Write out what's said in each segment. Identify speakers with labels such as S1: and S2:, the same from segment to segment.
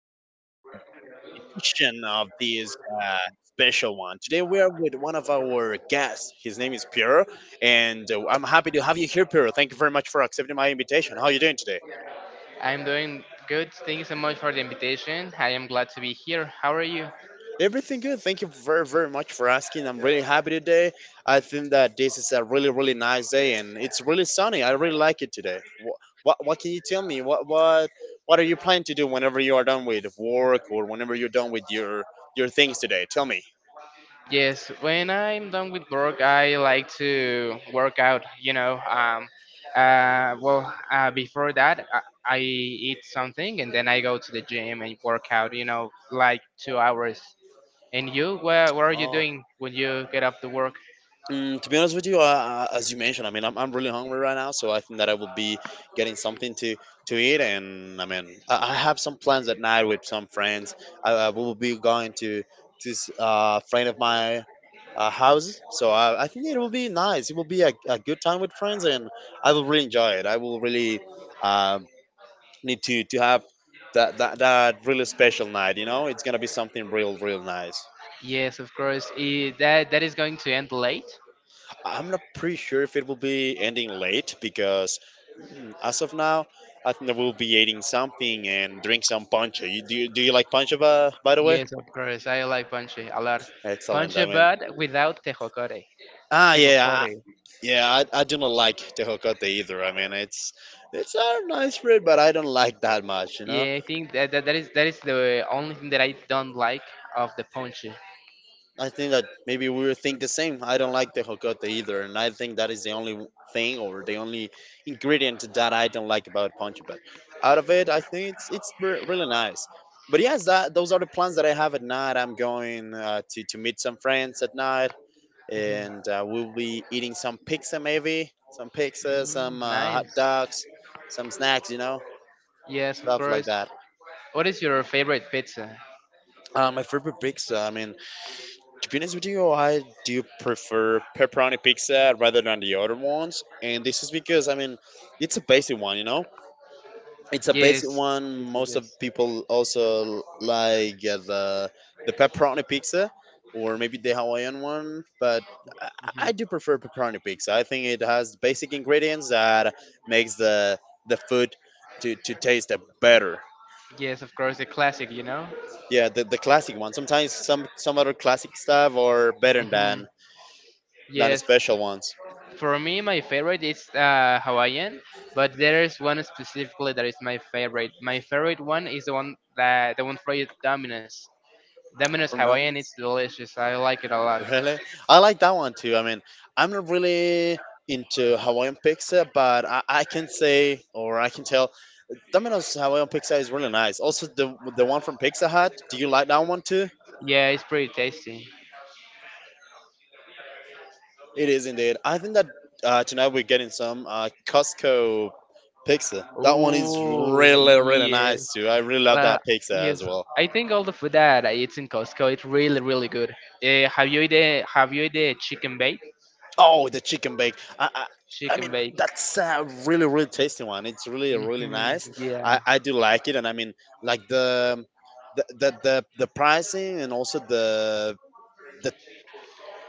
S1: podcast and another edition of this uh, special one. Today, we are with one of our guests. His name is Pierre, and I'm happy to have you here, Pierre. Thank you very much for accepting my invitation. How are you doing today?
S2: I'm doing good. Thank you so much for the invitation. I am glad to be here. How are you?
S1: Everything good. Thank you very, very much for asking. I'm really happy today. I think that this is a really, really nice day, and it's really sunny. I really like it today. What can you tell me? What are you planning to do whenever you are done with work or whenever you're done with your things today? Tell me.
S2: Yes, when I'm done with work, I like to work out. Well, before that, I eat something and then I go to the gym and work out, like 2 hours. And you, what are you
S1: Oh.
S2: doing when you get off the work?
S1: Mm, to be honest with you, as you mentioned, I mean, I'm really hungry right now, so I think that I will be getting something to eat. And I mean, I have some plans at night with some friends. I will be going to this friend of my house, so I think it will be nice. It will be a good time with friends, and I will really enjoy it. I will really uh, need to have that really special night. You know, it's gonna be something real, real nice.
S2: Yes, of course. That is going to end late.
S1: I'm not pretty sure if it will be ending late because as of now, I think I will be eating something and drink some ponche. You, do you like ponche by the way?
S2: Yes, of course. I like panche a lot.
S1: Excellent. I
S2: Panche,
S1: mean,
S2: but without tejocote.
S1: ah,
S2: Checo
S1: yeah, I,
S2: Kore.
S1: yeah. I do not like tejocote either. I mean, it's a nice fruit, but I don't like that much. You know.
S2: Yeah, I think that is the only thing that I don't like of the ponche.
S1: I think that maybe we will think the same. I don't like the hokote either, and I think that is the only w- thing or the only ingredient that I don't like about ponche. But out of it, I think it's re- really nice. But yes, that those are the plans that I have at night. I'm going to meet some friends at night, and we'll be eating some pizza, maybe some pizza, some
S2: Mm,
S1: hot
S2: nice.
S1: dogs, some snacks, you know,
S2: Yes, of
S1: stuff like
S2: course.
S1: that.
S2: What is your favorite pizza?
S1: My favorite pizza. I mean, to be honest with you, I do prefer pepperoni pizza rather than the other ones. And this is because, I mean, it's a basic one, you know? It's a basic
S2: Yes.
S1: one.
S2: Yes, yes.
S1: Most of
S2: Yes.
S1: people also like the pepperoni pizza or maybe the Hawaiian one. But I,
S2: Mhm.
S1: I do prefer pepperoni pizza. I think it has basic ingredients that makes the food to taste better.
S2: Yes, of course, the classic, you know?
S1: Yeah, the classic one. Sometimes some other classic stuff are better
S2: Hmm.
S1: than
S2: Yes.
S1: special ones.
S2: For me, my favorite is Hawaiian, but there is one specifically that is my favorite. My favorite one is the one that the one fried Domino's. Domino's
S1: From
S2: Hawaiian, it's
S1: Domino's?
S2: delicious. I like it a lot.
S1: Really? I like that one too. I mean, I'm not really into Hawaiian pizza, but I can say or I can tell Domino's Hawaiian pizza is really nice. Also, the one from Pizza Hut. Do you like that one too?
S2: Yeah, it's pretty tasty.
S1: It is indeed. I think that tonight we're getting some Costco pizza. That one is
S2: Oh,
S1: really really
S2: yeah.
S1: nice too. I really love
S2: Well,
S1: that pizza
S2: yes.
S1: as well.
S2: I think all the food that I eat in Costco it's really really good. Have you eaten chicken bake?
S1: Oh, the chicken bake. I
S2: Chicken
S1: mean,
S2: bake.
S1: that's a really, really tasty one. It's really, really
S2: Hmm.
S1: nice. I,
S2: Yeah.
S1: I do like it, and I mean, like the pricing and also the,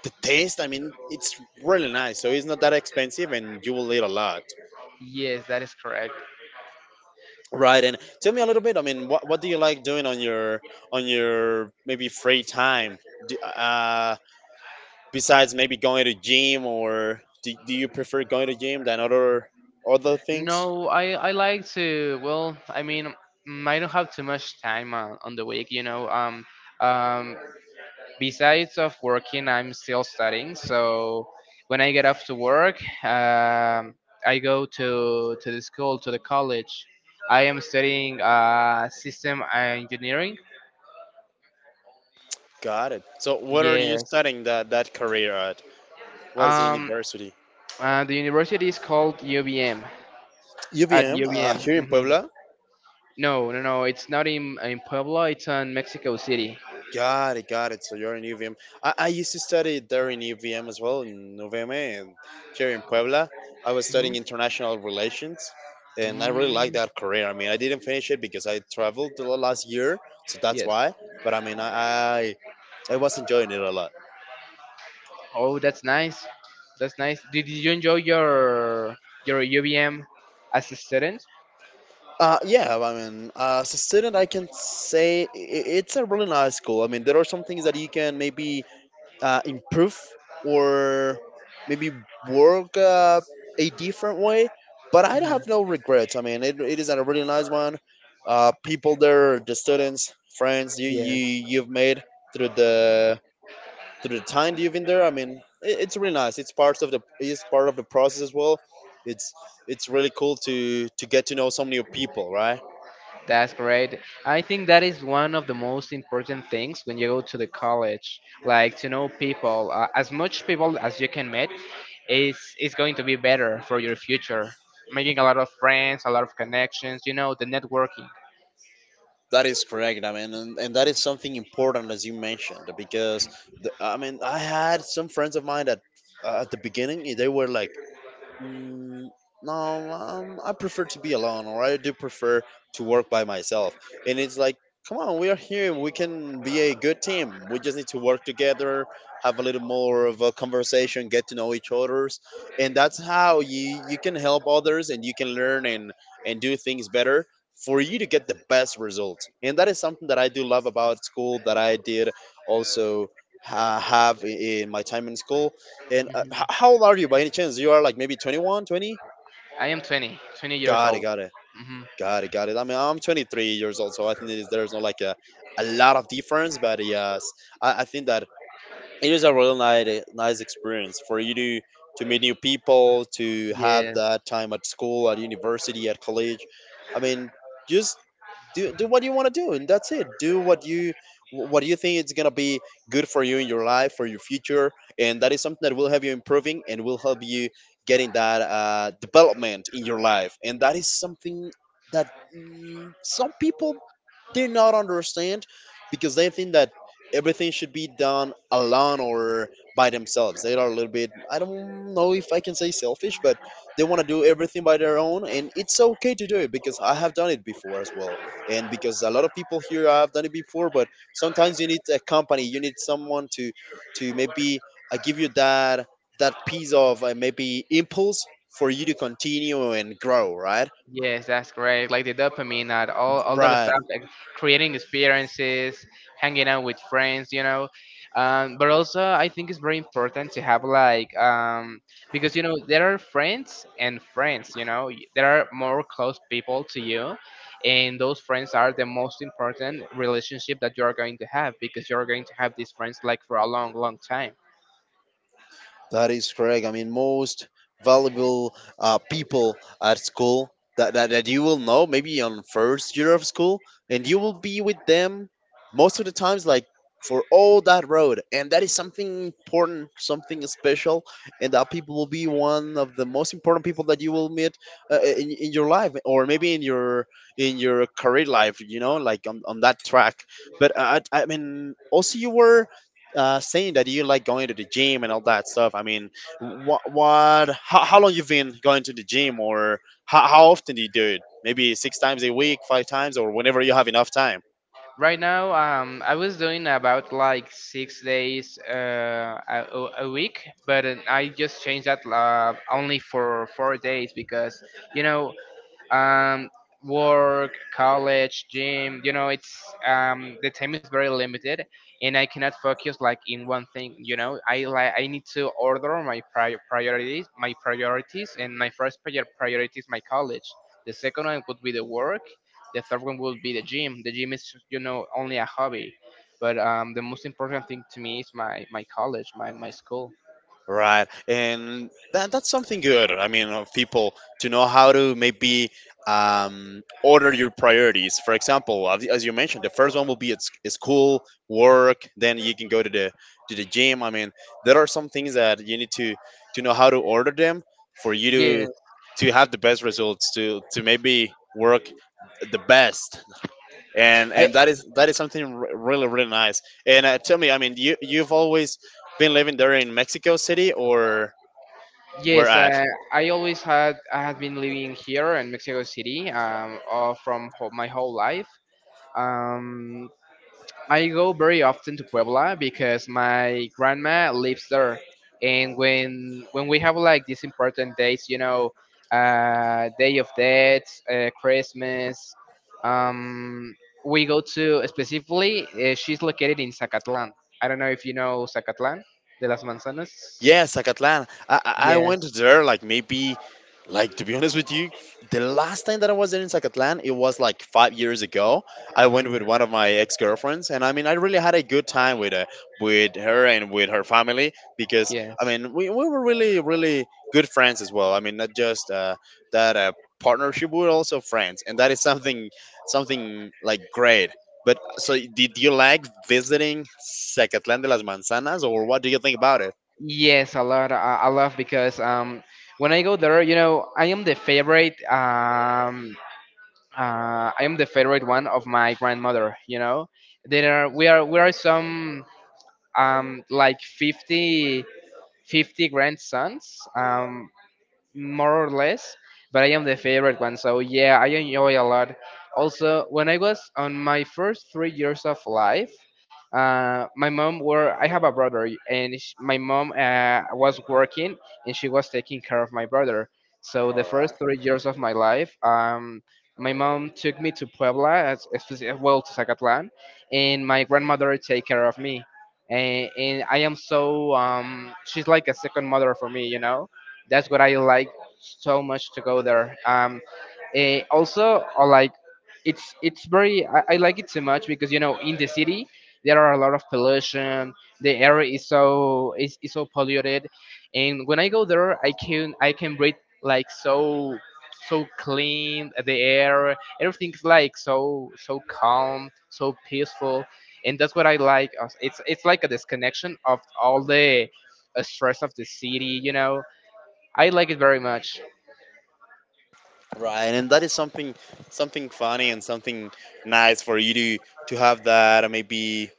S1: the taste. I mean, it's really nice. So it's not that expensive, and you will eat a lot.
S2: Yes, that is correct.
S1: Right, and tell me a little bit. I mean, what do you like doing on your maybe free time? Do, uh, besides maybe going to gym, or do you prefer going to gym than other things?
S2: No, I like to. Well, I mean, I don't have too much time on the week. You know, um, besides of working, I'm still studying, so when I get off to work, I go to the school, to the college. I am studying system engineering.
S1: Got it. So, what are you
S2: Yes.
S1: studying that career at? What is the
S2: um,
S1: university?
S2: the university is called ubm. At
S1: UVM
S2: ubm.
S1: here in
S2: Hmm.
S1: Puebla.
S2: No, no, no, it's not in Puebla. It's in Mexico City.
S1: Got it, got it. So you're in UVM. I used to study there in UVM as well in UVM and here in Puebla. I was studying
S2: Hmm.
S1: international relations, and I really liked
S2: Mm,
S1: that career. I mean, I didn't finish it because I traveled the last year, so that's
S2: yes.
S1: why. But I mean, I, I was enjoying it a lot.
S2: Oh, that's nice. That's nice. Did you enjoy your UVM as a student?
S1: Yeah, I mean, as a student, I can say I- it's a really nice school. I mean, there are some things that you can maybe improve or maybe work a different way, but I have no regrets. I mean, it is a really nice one. People there, the students, friends you
S2: Yes.
S1: you've made through the through the time you've been there. I mean, it, it's really nice. It's part of the it's part of the process as well. It's it's really cool to get to know some new people, right?
S2: That's great. I think that is one of the most important things when you go to the college, like to know people. As much people as you can meet is going to be better for your future. Making a lot of friends, a lot of connections, the networking.
S1: That is correct. I mean, and that is something important as you mentioned because I mean, I had some friends of mine that at the beginning they were like, mm, no, I prefer to be alone, or I do prefer to work by myself. And it's like, come on, we are here. We can be a good team. We just need to work together, have a little more of a conversation, get to know each other's, and that's how you can help others and you can learn and do things better for you to get the best results. And that is something that I do love about school that I did also have I- in my time in school and
S2: Mhm.
S1: h- how old are you by any chance? You are like maybe 21, 20.
S2: I am twenty years
S1: Got it,
S2: old. Hmm.
S1: got it. I mean, I'm 23 years old, so I think it is, there's not like a lot of difference, but yes, I think that it is a really nice, nice experience for you to meet new people to have
S2: Yeah.
S1: that time at school at university at college. I mean, just do what you want to do and that's it. Do what you think it's going to be good for you in your life for your future, and that is something that will help you improving and will help you getting that development in your life. And that is something that some people do not understand because they think that everything should be done alone or by themselves. They are a little bit, I don't know if I can say selfish, but they want to do everything by their own, and it's okay to do it because I have done it before as well. And because a lot of people here have done it before, but sometimes you need a company, you need someone to maybe give you that piece of maybe impulse for you to continue and grow, right?
S2: Yes, that's correct. Like the dopamine, and all that
S1: Right.
S2: stuff, like creating experiences, hanging out with friends. But also, I think it's very important to have like because you know there are friends and friends. You know, there are more close people to you, and those friends are the most important relationship that you are going to have because you are going to have these friends like for a long, long time.
S1: That is correct. I mean, most valuable people at school that you will know, maybe on first year of school, and you will be with them most of the times, like for all that road. And that is something important, something special, and that people will be one of the most important people that you will meet in your life, or maybe in your career life. You know, like on that track. But I mean, also you were saying that you like going to the gym and all that stuff. I mean, what how long you've been going to the gym, or how often do you do it? Maybe six times a week, five times, or whenever you have enough time.
S2: Right now, I was doing about like 6 days a week, but I just changed that only for 4 days because you know um, work, college, gym. You know, it's the time is very limited, and I cannot focus like in one thing. You know, I need to order my priorities, and my first priority is my college. The second one would be the work. The third one would be the gym. The gym is only a hobby. But the most important thing to me is my college, my school.
S1: Right, and that's something good. I mean, of people to know how to maybe order your priorities. For example, as you mentioned, the first one will be at s- school, work. Then you can go to the gym. I mean, there are some things that you need to know how to order them for you
S2: Yeah.
S1: to have the best results to maybe work the best, and that is something re- really really nice. And tell me, I mean, you you've always been living there in Mexico City or where
S2: Yes,
S1: at?
S2: I had been living here in Mexico City, my whole life. Um, I go very often to Puebla because my grandma lives there, and when we have like these important dates, Day of Dead, Christmas, um, we go to specifically. She's located in Zacatlan. I don't know if you know Zacatlan de las Manzanas.
S1: Yes, Zacatlán. I went
S2: Yes.
S1: there like maybe, like to be honest with you, the last time that I was there in Zacatlán, it was like 5 years ago. I went with
S2: Mhm.
S1: one of my ex girlfriends, and I mean, I really had a good time with her and with her family because I
S2: Yes.
S1: mean, we were really really good friends as well. I mean, not just that partnership, we we're also friends, and that is something something like great. But so, did you like visiting Zacatlán de las Manzanas, or what do you think about?
S2: Yes, a lot. I love because when I go there, I am the favorite. I am the favorite one of my grandmother. You know, there are we are we are some like 50 grandsons. More or less, but I am the favorite one. So yeah, I enjoy a lot. Also, when I was on my first 3 years of life, my mom were I have a brother, and sh my mom was working, and she was taking care of my brother. So the
S1: All right.
S2: first 3 years of my life, my mom took me to Puebla, well to Zacatlan, and my grandmother take care of me, and I am so she's like a second mother for me. That's what I like so much to go there. Also, I like it so much because you know in the city there are a lot of pollution. The air is so polluted, and when I go there, I can breathe like so so clean the air, everything's like so so calm, so peaceful, and that's what I like. It's like a disconnection of all the stress of the city. I like it very much.
S1: Right, and that is something funny and something nice for you to have that maybe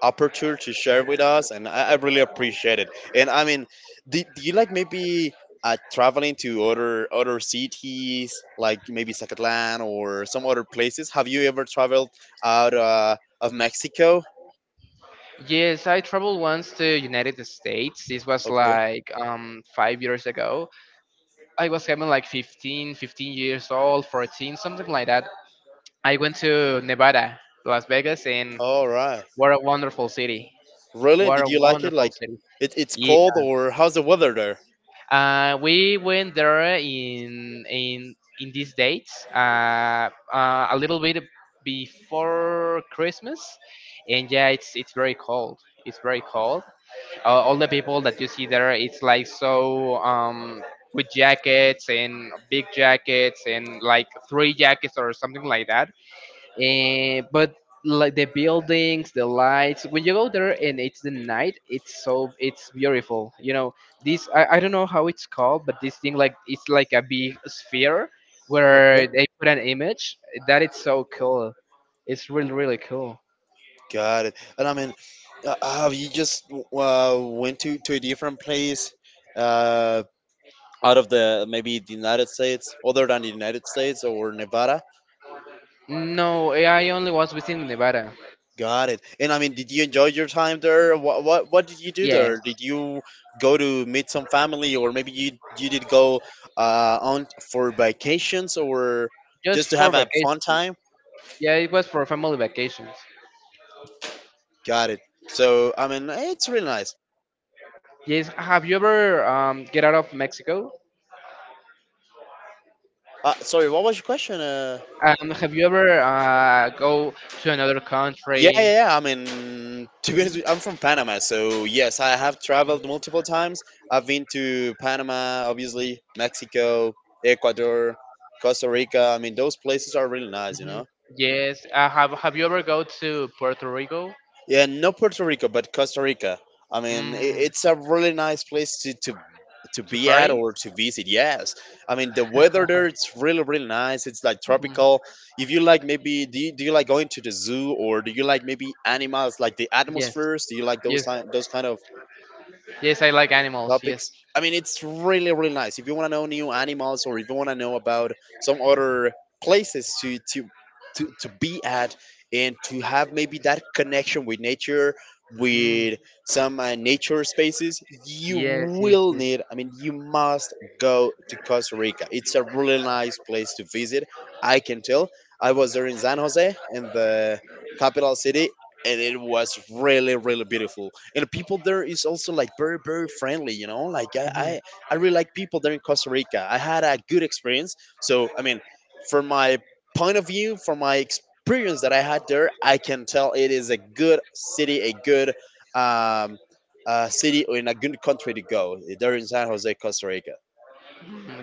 S1: opportunity to share with us, and I really appreciate it. And I mean, do you like maybe traveling to other cities, like maybe Zacatlan or some other places? Have you ever traveled out of Mexico?
S2: Yes, I traveled once to United States. This was
S1: Okay.
S2: like 5 years ago. I was having like 15 years old, 14, something like that. I went to Nevada, Las Vegas, and
S1: All right.
S2: what a wonderful city.
S1: Really?
S2: What a
S1: Did you like it?
S2: wonderful
S1: Like,
S2: city.
S1: it's
S2: Yeah.
S1: cold, or how's the weather there?
S2: We went there in these dates, a little bit before Christmas, and yeah, it's very cold. It's very cold. All the people that you see there it's like so with jackets and big jackets and like three jackets or something like that, and but like the buildings, the lights, when you go there and it's the night, it's beautiful, you know. I don't know how it's called, but this thing like it's like a big sphere where they put an image that it's so cool. It's really really cool.
S1: Got it. And I mean, have you just went to a different place uh, out of the maybe the United States, other than the United States or Nevada?
S2: No, I only was within Nevada.
S1: Got it. And I mean, did you enjoy your time there? What did you do
S2: Yes.
S1: there? Did you go to meet some family, or maybe you did go on for vacations, or
S2: Just
S1: just to
S2: for
S1: have a
S2: vacation.
S1: fun time?
S2: Yeah, it was for family vacations.
S1: Got it. So I mean, it's really nice.
S2: Yes. Have you ever get out of Mexico?
S1: Sorry, what was your question?
S2: Have you ever go to another
S1: Yeah,
S2: country?
S1: yeah, yeah. I mean, to be honest,
S2: Mhm,
S1: with- I'm from Panama, so yes, I have traveled multiple times. I've been to Panama, obviously, Mexico, Ecuador, Costa Rica. I mean, those places are really nice, you
S2: mhm.
S1: know.
S2: Yes. Have you ever go to Puerto Rico?
S1: Yeah, not Puerto Rico, but Costa Rica. I mean, I-
S2: Mm,
S1: it's a really nice place to
S2: to
S1: be at
S2: Paris?
S1: or to visit. Yes, I mean the weather there it's really really nice. It's like tropical. If you like, maybe do you like going to the zoo or do you like maybe animals like the
S2: Yes.
S1: atmospheres? Do you like those
S2: Yes.
S1: ti- those kind of
S2: Yes. I like animals. Yes.
S1: topics. I mean, it's really, really nice. If you want to know new animals or if you want to know about some other places to be at and to have maybe that connection with nature,
S2: Mm,
S1: with some nature spaces, you
S2: yes. Yes.
S1: will
S2: Yes.
S1: need, I mean, you must go to Costa Rica. It's a really nice place to visit. I can tell. I was there in San Jose, in the capital city, and it was really really beautiful, and the people there is also like very very friendly, you know,
S2: Mhm.
S1: I really like people there in Costa Rica. I had a good experience, so I mean from my point of view, from my experience that I had there, I can tell it is a good city, a good um, city or in a good country to go there in San Jose, Costa Rica.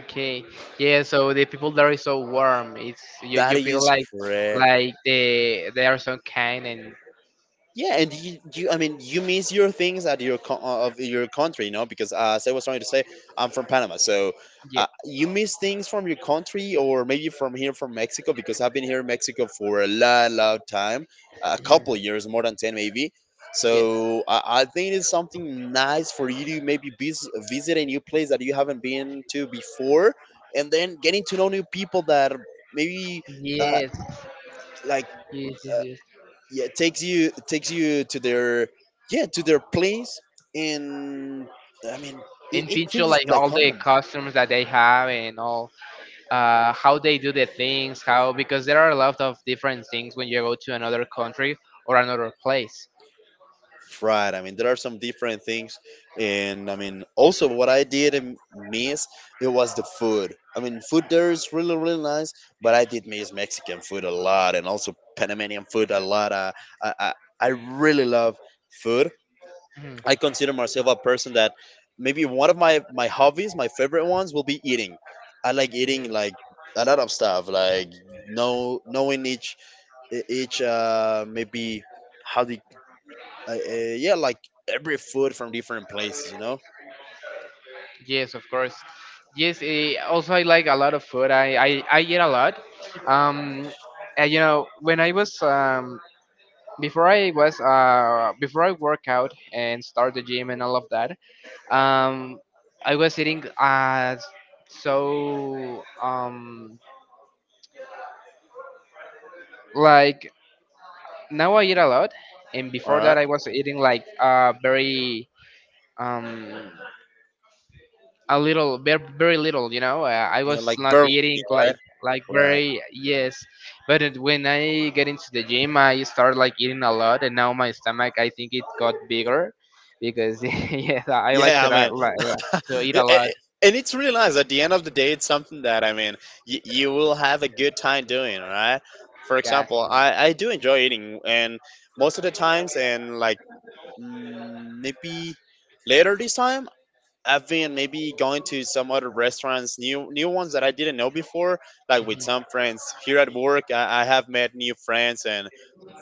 S2: Okay. Yeah. So the people there is so warm. It's you. You
S1: That
S2: feel
S1: is
S2: like
S1: correct.
S2: they are so kind and
S1: Yeah, and I mean, you miss your things at your co- of your country, you know, because as I was trying to say, I'm from Panama, so you miss things from your country or maybe from here from Mexico, because I've been here in Mexico for a long, long time, a
S2: yeah.
S1: couple years, more than ten maybe.
S2: Yeah.
S1: So I think it's something nice for you to maybe vis- visit a new place that you haven't been to before, and then getting to know new people that maybe uh,
S2: Yes.
S1: like
S2: Yes. Yes.
S1: uh,
S2: Yes.
S1: yeah, it takes you, it takes you to their yeah to their place and I mean it,
S2: And
S1: it
S2: teach you
S1: feels
S2: like
S1: like
S2: all the
S1: home.
S2: costumes that they have and all how they do the things, how because there are a lot of different things when you go to another country or another place.
S1: Right, I mean there are some different things, and I mean also what I did m- miss, it was the food. I mean food there is really really nice, but I did miss Mexican food a lot and also Panamanian food a lot. I, I really love food.
S2: Mhm,
S1: I consider myself a person that maybe one of my hobbies, my favorite ones, will be eating. I like eating
S2: mhm.
S1: like a lot of stuff, like knowing each e- each maybe how the yeah, like every food from different places, you know.
S2: Yes, of course. Yes. Also, I like a lot of food. I eat a lot. Um, and, when I was before I was before I work out and start the gym and all of that, um I was eating so um like now I eat a lot, and
S1: All
S2: before that
S1: right,
S2: I was eating like very um a little, very, very little. I
S1: you know,
S2: was
S1: like
S2: not
S1: Berlin,
S2: eating
S1: right?
S2: like
S1: Right.
S2: very. Yes. But when I get into the gym I start like eating a lot, and now my stomach I think it got bigger because yes I like to
S1: Yeah,
S2: ra-
S1: man.
S2: li- li- to eat
S1: Yeah,
S2: a lot.
S1: a- and it's really nice. At the end of the day, it's something that I mean, y- you will have a good time doing. All right. For example,
S2: That's right.
S1: I do enjoy eating, and most of the times, and like mm, maybe later this time. I've been maybe going to some other restaurants, new new ones that I didn't know before, like with
S2: Mhm,
S1: some friends here at work. I have met new friends, and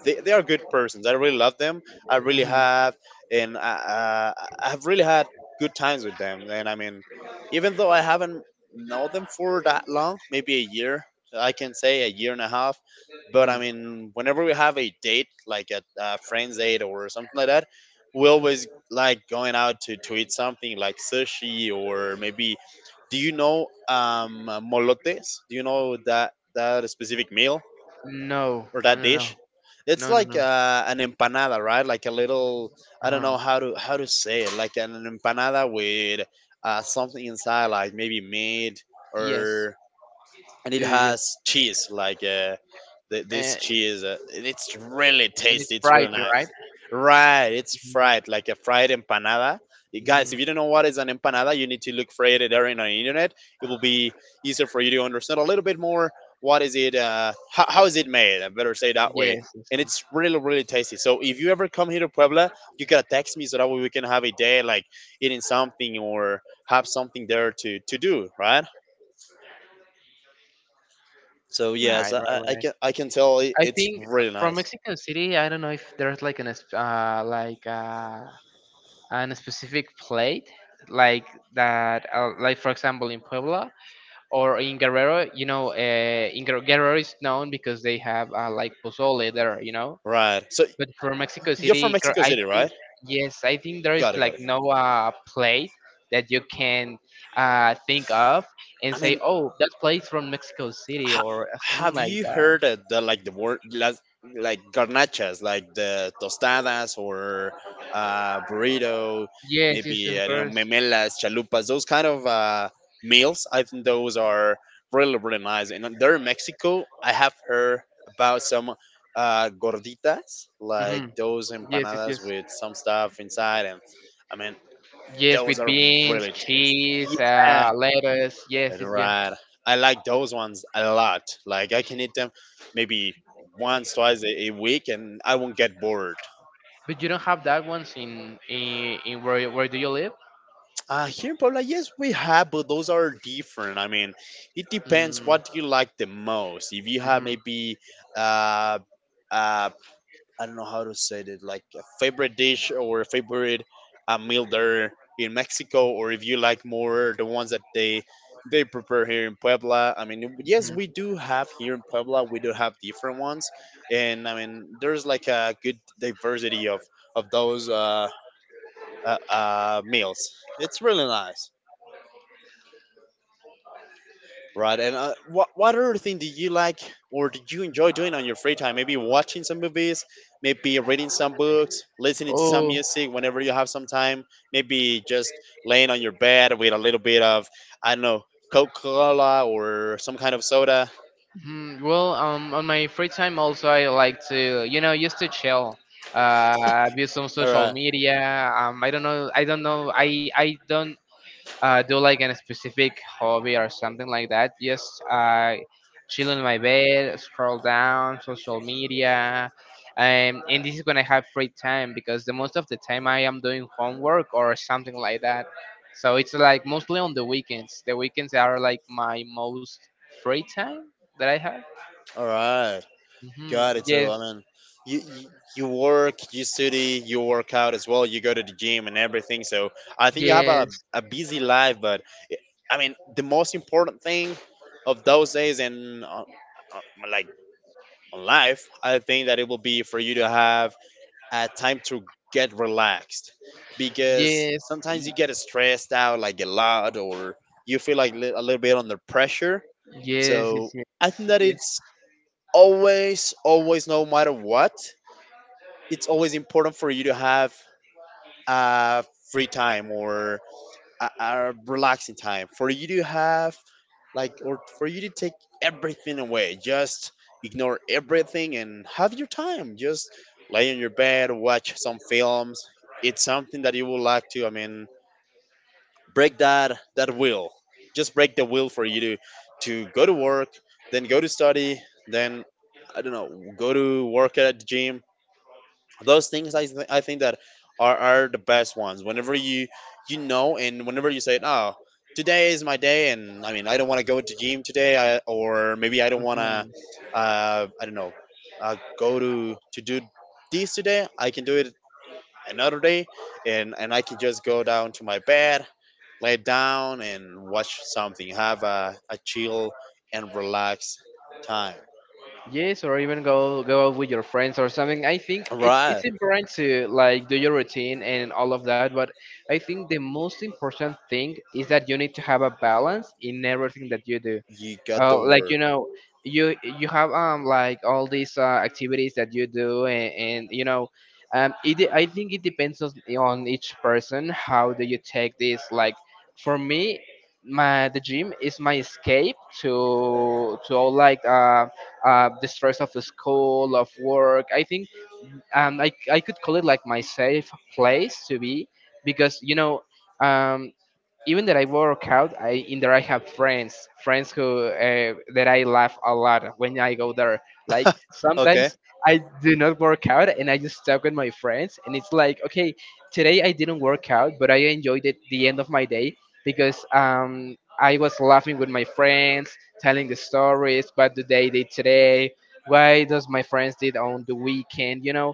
S1: they are good persons. I really love them. I really
S2: mhm,
S1: have, and I have really had good times with them. And I mean, even though I haven't known them for that long, maybe a year, I can say a year and a half. But I
S2: mhm.
S1: mean, whenever we have a date, like a friend's date or something like that, we always like going out to eat something like sushi or maybe. Do you know molotes? Do you know that specific meal?
S2: No,
S1: Or
S2: no,
S1: that
S2: no,
S1: dish.
S2: no,
S1: It's
S2: no, no,
S1: like
S2: no.
S1: an empanada, right? Like a little
S2: Uh
S1: I don't
S2: huh.
S1: know how to say it, like an empanada with something inside, like maybe meat
S2: Yes,
S1: or and it
S2: yes, yes.
S1: has cheese like th- this
S2: And,
S1: cheese and it's really
S2: and it's
S1: tasty, it's
S2: fried,
S1: really
S2: right?
S1: nice. Right, it's
S2: Mm-hmm.
S1: fried like a fried empanada. Y guys, if
S2: Hmm.
S1: you don't know what is an empanada, you need to look for it there in the internet. It will be easier for you to understand a little bit more what is it, how is it made, I better say that way.
S2: Yes, yes,
S1: And it's
S2: yes.
S1: really really tasty. So if you ever come here to Puebla, you gotta text me so that way we can have a day like eating something or have something there to do, right? So
S2: Right,
S1: yes, I,
S2: right,
S1: I
S2: right.
S1: I can tell I-
S2: I
S1: it's
S2: think
S1: really
S2: from
S1: nice.
S2: Mexico City, I don't know if there's like an like an specific plate like that, like for example in Puebla or in Guerrero. You know, in Guerrero is known because they have like pozole there. You know,
S1: Right. So
S2: but for Mexico
S1: you're from
S2: City,
S1: Mexico
S2: I
S1: City,
S2: think
S1: right?
S2: yes, I think there is
S1: Got it,
S2: like
S1: got it.
S2: no plate that you can think of and
S1: I
S2: say,
S1: mean,
S2: "Oh, that place from Mexico City,"
S1: ha-
S2: or something
S1: have
S2: like
S1: you
S2: that.
S1: heard of the like the word las- like garnachas, like the tostadas or burrito,
S2: Yes, yes,
S1: maybe
S2: of
S1: I don't
S2: course.
S1: know, memelas, chalupas, those kind of meals. I think those are really really nice, and there in Mexico I have heard about some gorditas, like
S2: Hmm.
S1: those
S2: Yes, yes,
S1: empanadas
S2: yes.
S1: with some stuff inside. And I mean
S2: Yes,
S1: those
S2: with
S1: are
S2: beans,
S1: really tasty,
S2: cheese,
S1: yeah.
S2: lettuce. Yes, yes, yeah.
S1: Right. I like those ones a lot. Like I can eat them maybe once, twice a week, and I won't get bored.
S2: But you don't have that ones in where do you live?
S1: Here in Puebla, yes, we have, but those are different. I mean, it depends
S2: Mm-hmm.
S1: what you like the most. If you have
S2: Hmm.
S1: maybe uh, uh, I don't know how to say it, like a favorite dish or a favorite meal there in Mexico, or if you like more the ones that they prepare here in Puebla. I mean, yes, we do have here in Puebla. We do have different ones, and I mean, there's like a good diversity of those meals. It's really nice. Right. And what other thing do you like or do you enjoy doing on your free time? Maybe watching some movies, maybe reading some books, listening to some
S2: Oh.
S1: music whenever you have some time. Maybe just laying on your bed with a little bit of I don't know Coca Cola or some kind of soda.
S2: Hmm, well, on my free time also I like to, used to chill, view some
S1: All
S2: social
S1: right.
S2: media. I don't know, I don't do like a specific hobby or something like that. Just chill in my bed, scroll down social media, and this is when I have free time because the most of the time I am doing homework or something like that. So it's like mostly on the weekends. The weekends are like my most free time that I have.
S1: All right.
S2: Hmm.
S1: Got it. So
S2: Yes,
S1: I mean, you, you you work, you study, you work out as well. You go to the gym and everything. So I think you have a
S2: yes,
S1: busy life, but I mean, the most important thing of those days and uh, like on life, I think that it will be for you to have a time to get relaxed, because
S2: yes,
S1: sometimes you
S2: y-
S1: get stressed out like a lot or you feel like li- a little bit under pressure.
S2: yes,
S1: So
S2: yes, yes.
S1: I think that
S2: Yes,
S1: it's always, always, no matter what, it's always important for you to have uh, free time or a relaxing time for you to have like or for you to take everything away, just ignore everything and have your time, just lay on your bed, watch some films. It's something that you would like to, break that will, just break the will for you to go to work, then go to study, then, I don't know, go to work at the gym. Those things, I think that are the best ones whenever you, you know, and whenever you say, oh, today is my day, and I mean, I don't want to go to gym today, or maybe I don't want to
S2: mhm.
S1: I don't know, go to do this today, I can do it another day. And I can just go down to my bed, lay down and watch something, have a chill and relaxed time.
S2: Yes, or even go out with your friends or something. I think
S1: All
S2: it's
S1: right.
S2: it's important to like do your routine and all of that, but I think the most important thing is that you need to have a balance in everything that you do.
S1: You got
S2: Oh,
S1: the
S2: like
S1: word.
S2: you know, you have like all these activities that you do, and you know, I think it depends on each person. How do you take this? Like for me, my the gym is my escape to all like the stress of the school of work. I think I could call it like my safe place to be because you know um even that I work out, I in there I have friends, friends who that I laugh a lot when I go there. Like
S1: Okay.
S2: sometimes I do not work out and I just talk with my friends, and it's like, okay, today I didn't work out, but I enjoyed it the end of my day because I was laughing with my friends, telling the stories what did they did today, why does my friends did on the weekend, you know.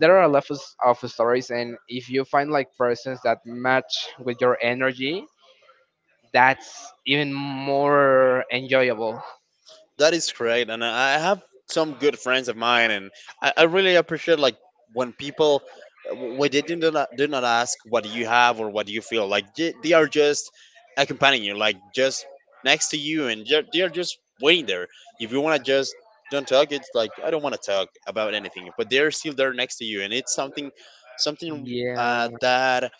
S2: There are a lot of stories, and if you find like persons that match with your energy, that's even more enjoyable.
S1: That is great, and I have some good friends of mine, and I really appreciate, like, when people, when they do not ask what do you have or what do you feel, like, they are just accompanying you, like, just next to you, and they are just waiting there. If you want to just don't talk, it's like, I don't want to talk about anything, but they're still there next to you, and it's something, something
S2: Yeah,
S1: that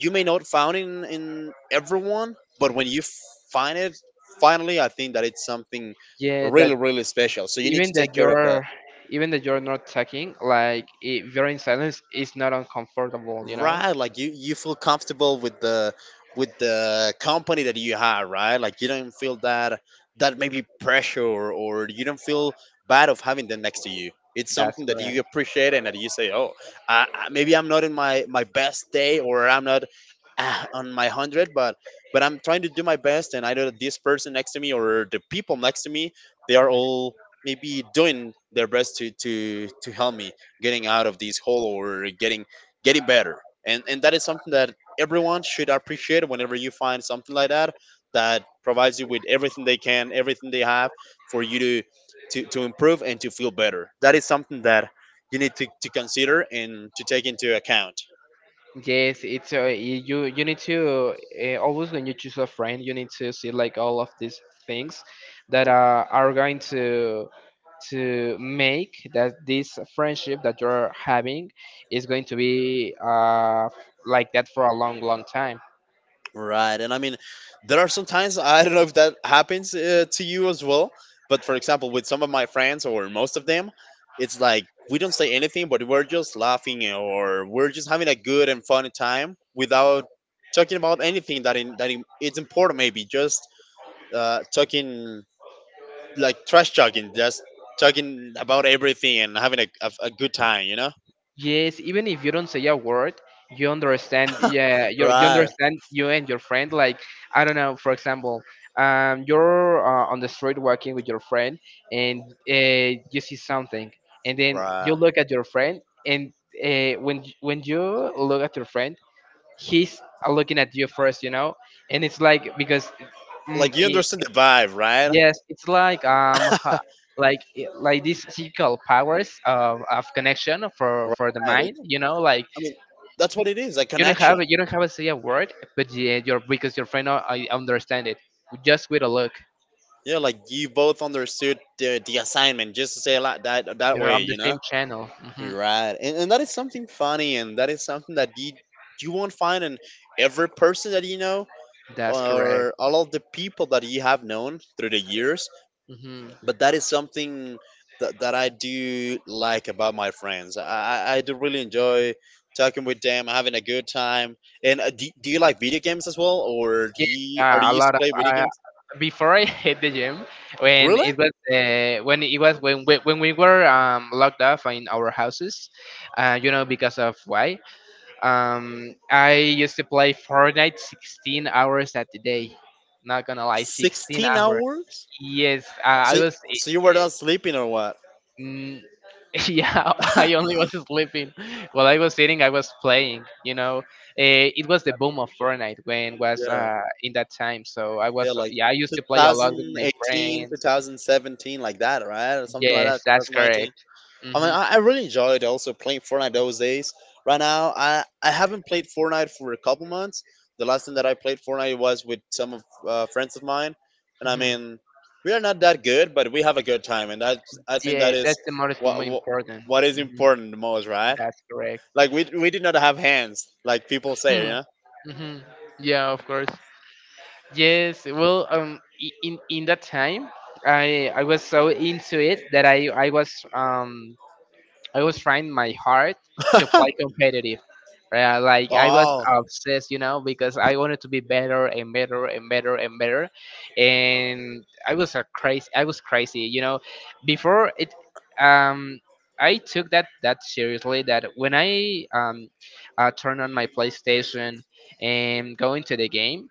S1: you may not found in everyone, but when you find it, finally, I think that it's something
S2: yeah.
S1: really,
S2: That
S1: really special. So you need to
S2: even
S1: take
S2: that
S1: care of that.
S2: you're even that you're not talking, like if you're in silence, it's not uncomfortable. You know,
S1: Right, like you feel comfortable with the company that you have, right? Like you don't feel that, that maybe pressure, or you don't feel bad of having them next to you. It's
S2: that's
S1: something that
S2: correct.
S1: you appreciate and that you say, oh, maybe I'm not in my best day, or I'm not on my hundred, but I'm trying to do my best, and I know that this person next to me, or the people next to me, they are all maybe doing their best to help me, getting out of this hole, or getting, getting better. And that is something that everyone should appreciate, whenever you find something like that, that provides you with everything they can, everything they have, for you to to improve and to feel better. That is something that you need to consider and to take into account.
S2: Yes, you. You need to always when you choose a friend, you need to see like all of these things that are going to make that this friendship that you're having is going to be like that for a long, long time.
S1: Right, and I mean, there are sometimes, I don't know if that happens to you as well, but for example, with some of my friends or most of them, it's like we don't say anything, but we're just laughing, or we're just having a good and fun time without talking about anything that in, it's important. Maybe just talking, like, trash talking, just talking about everything and having a good time, you know?
S2: Yes, even if you don't say a word, you understand. Yeah, you
S1: Right,
S2: understand you and your friend. Like I don't know, for example, you're on the street walking with your friend, and you see something, and then you
S1: right.
S2: look at your friend, and when you look at your friend, he's looking at you first, you know, and it's like Mm,
S1: Like you
S2: eh,
S1: understand the vibe, right?
S2: Yes, it's like like like these physical powers of connection for the
S1: Right.
S2: mind. You know, like
S1: I mean, that's what it is, a connection.
S2: you don't have to say a word, but yeah, your because your friend I understand it just with a look.
S1: Yeah, like you both understood the assignment, just to say it like that, that
S2: You're
S1: way,
S2: on the
S1: you
S2: same
S1: know?
S2: channel. Hmm.
S1: Right. And that is something funny, and that is something that you won't find in every person that you know
S2: That's correct.
S1: or all of the people that you have known through the years.
S2: Hmm.
S1: But that is something that, that I do like about my friends. I do really enjoy talking with them, having a good time. And do you like video games as well? Or do
S2: Yeah,
S1: you, are you
S2: yeah, a
S1: used to
S2: lot of.
S1: play video
S2: Uh,
S1: games?
S2: Before I hit the gym,
S1: Really?
S2: when it was when we were locked off in our houses, you know because of why? I used to play Fortnite 16 hours at the day. Not gonna lie, 16
S1: 16
S2: hours.
S1: hours?
S2: Yes, I
S1: So,
S2: was.
S1: so you were
S2: Eh,
S1: not sleeping or what?
S2: mm, yeah, I only was sleeping. While I was sitting, I was playing. You know, it was the boom of Fortnite when was
S1: Yeah.
S2: in that time. So I
S1: Yeah,
S2: was.
S1: like
S2: Yeah, I used
S1: two
S2: to play a lot with
S1: thousand
S2: my
S1: eighteen, two
S2: friends.
S1: thousand seventeen, like that, right? Or something like
S2: Yes,
S1: that,
S2: that's
S1: 2019.
S2: correct.
S1: I mean,
S2: Hmm.
S1: I really enjoyed also playing Fortnite those days. Right now, I haven't played Fortnite for a couple months. The last time that I played Fortnite was with some of friends of mine. And I
S2: Hmm.
S1: mean, we are not that good, but we have a good time. And that, I think that
S2: Yeah,
S1: is
S2: that's the most
S1: what,
S2: mo-
S1: what,
S2: important.
S1: what is
S2: Hmm.
S1: important the most, right?
S2: That's correct.
S1: Like we did not have hands, like people say,
S2: Hmm.
S1: yeah.
S2: Mm-hmm. Yeah, of course. Yes, well, in that time, I was so into it that I was I was trying my heart to play competitive. Like I was
S1: Oh,
S2: obsessed, you know, because I wanted to be better and better and better and better, and I was a crazy. I was crazy, you know. Before it, um, I took that seriously. That when I turn on my PlayStation and go into the game,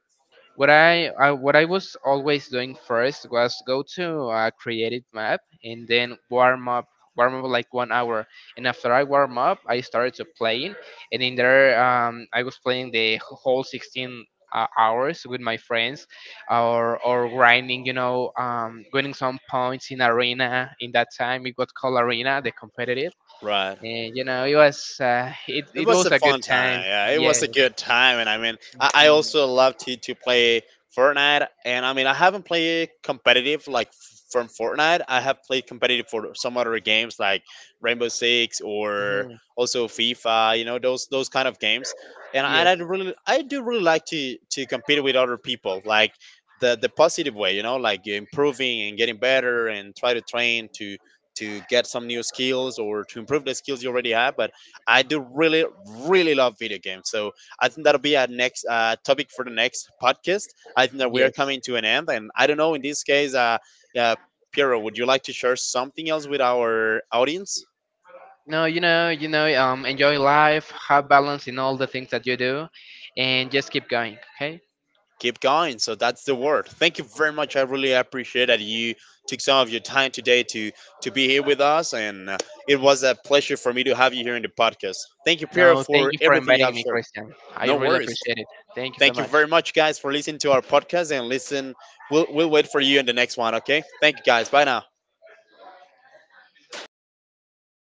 S2: what I what I was always doing first was go to a creative map and then warm up like 1 hour and after I warm up I started to playing and in there I was playing the whole 16 hours with my friends or grinding, you know, winning some points in arena. In that time it got called arena the competitive,
S1: right.
S2: and you know it was
S1: It
S2: it
S1: was
S2: was
S1: a
S2: a good
S1: fun
S2: time.
S1: time. Yeah, it
S2: Yes.
S1: was a good time, and I mean, I
S2: Mhm.
S1: also love to play Fortnite. And I mean, I haven't played competitive, like, from Fortnite. I have played competitive for some other games, like Rainbow Six, or
S2: Mhm.
S1: also FIFA. You know, those kind of games. And
S2: Yes.
S1: I really, I do really like to compete with other people, like. The positive way, you know, like improving and getting better, and try to train to get some new skills or to improve the skills you already have, but I do really, really love video games. So I think that'll be a next topic for the next podcast. I think that we are
S2: Yes.
S1: coming to an end, and I don't know. In this case, uh, Piero, would you like to share something else with our audience?
S2: No, you know, enjoy life, have balance in all the things that you do, and just keep going, okay?
S1: Keep going. So that's the word. Thank you very much. I really appreciate that you took some of your time today to be here with us, and it was a pleasure for me to have you here in the podcast. Thank you, Piero,
S2: No, thank
S1: for
S2: you for
S1: everything you
S2: inviting
S1: have
S2: me,
S1: shared.
S2: Christian. I
S1: No
S2: really
S1: worries.
S2: appreciate it. Thank you so
S1: Thank you
S2: much.
S1: very much, guys, for listening to our podcast, and listen. We'll wait for you in the next one, okay? Thank you, guys. Bye now.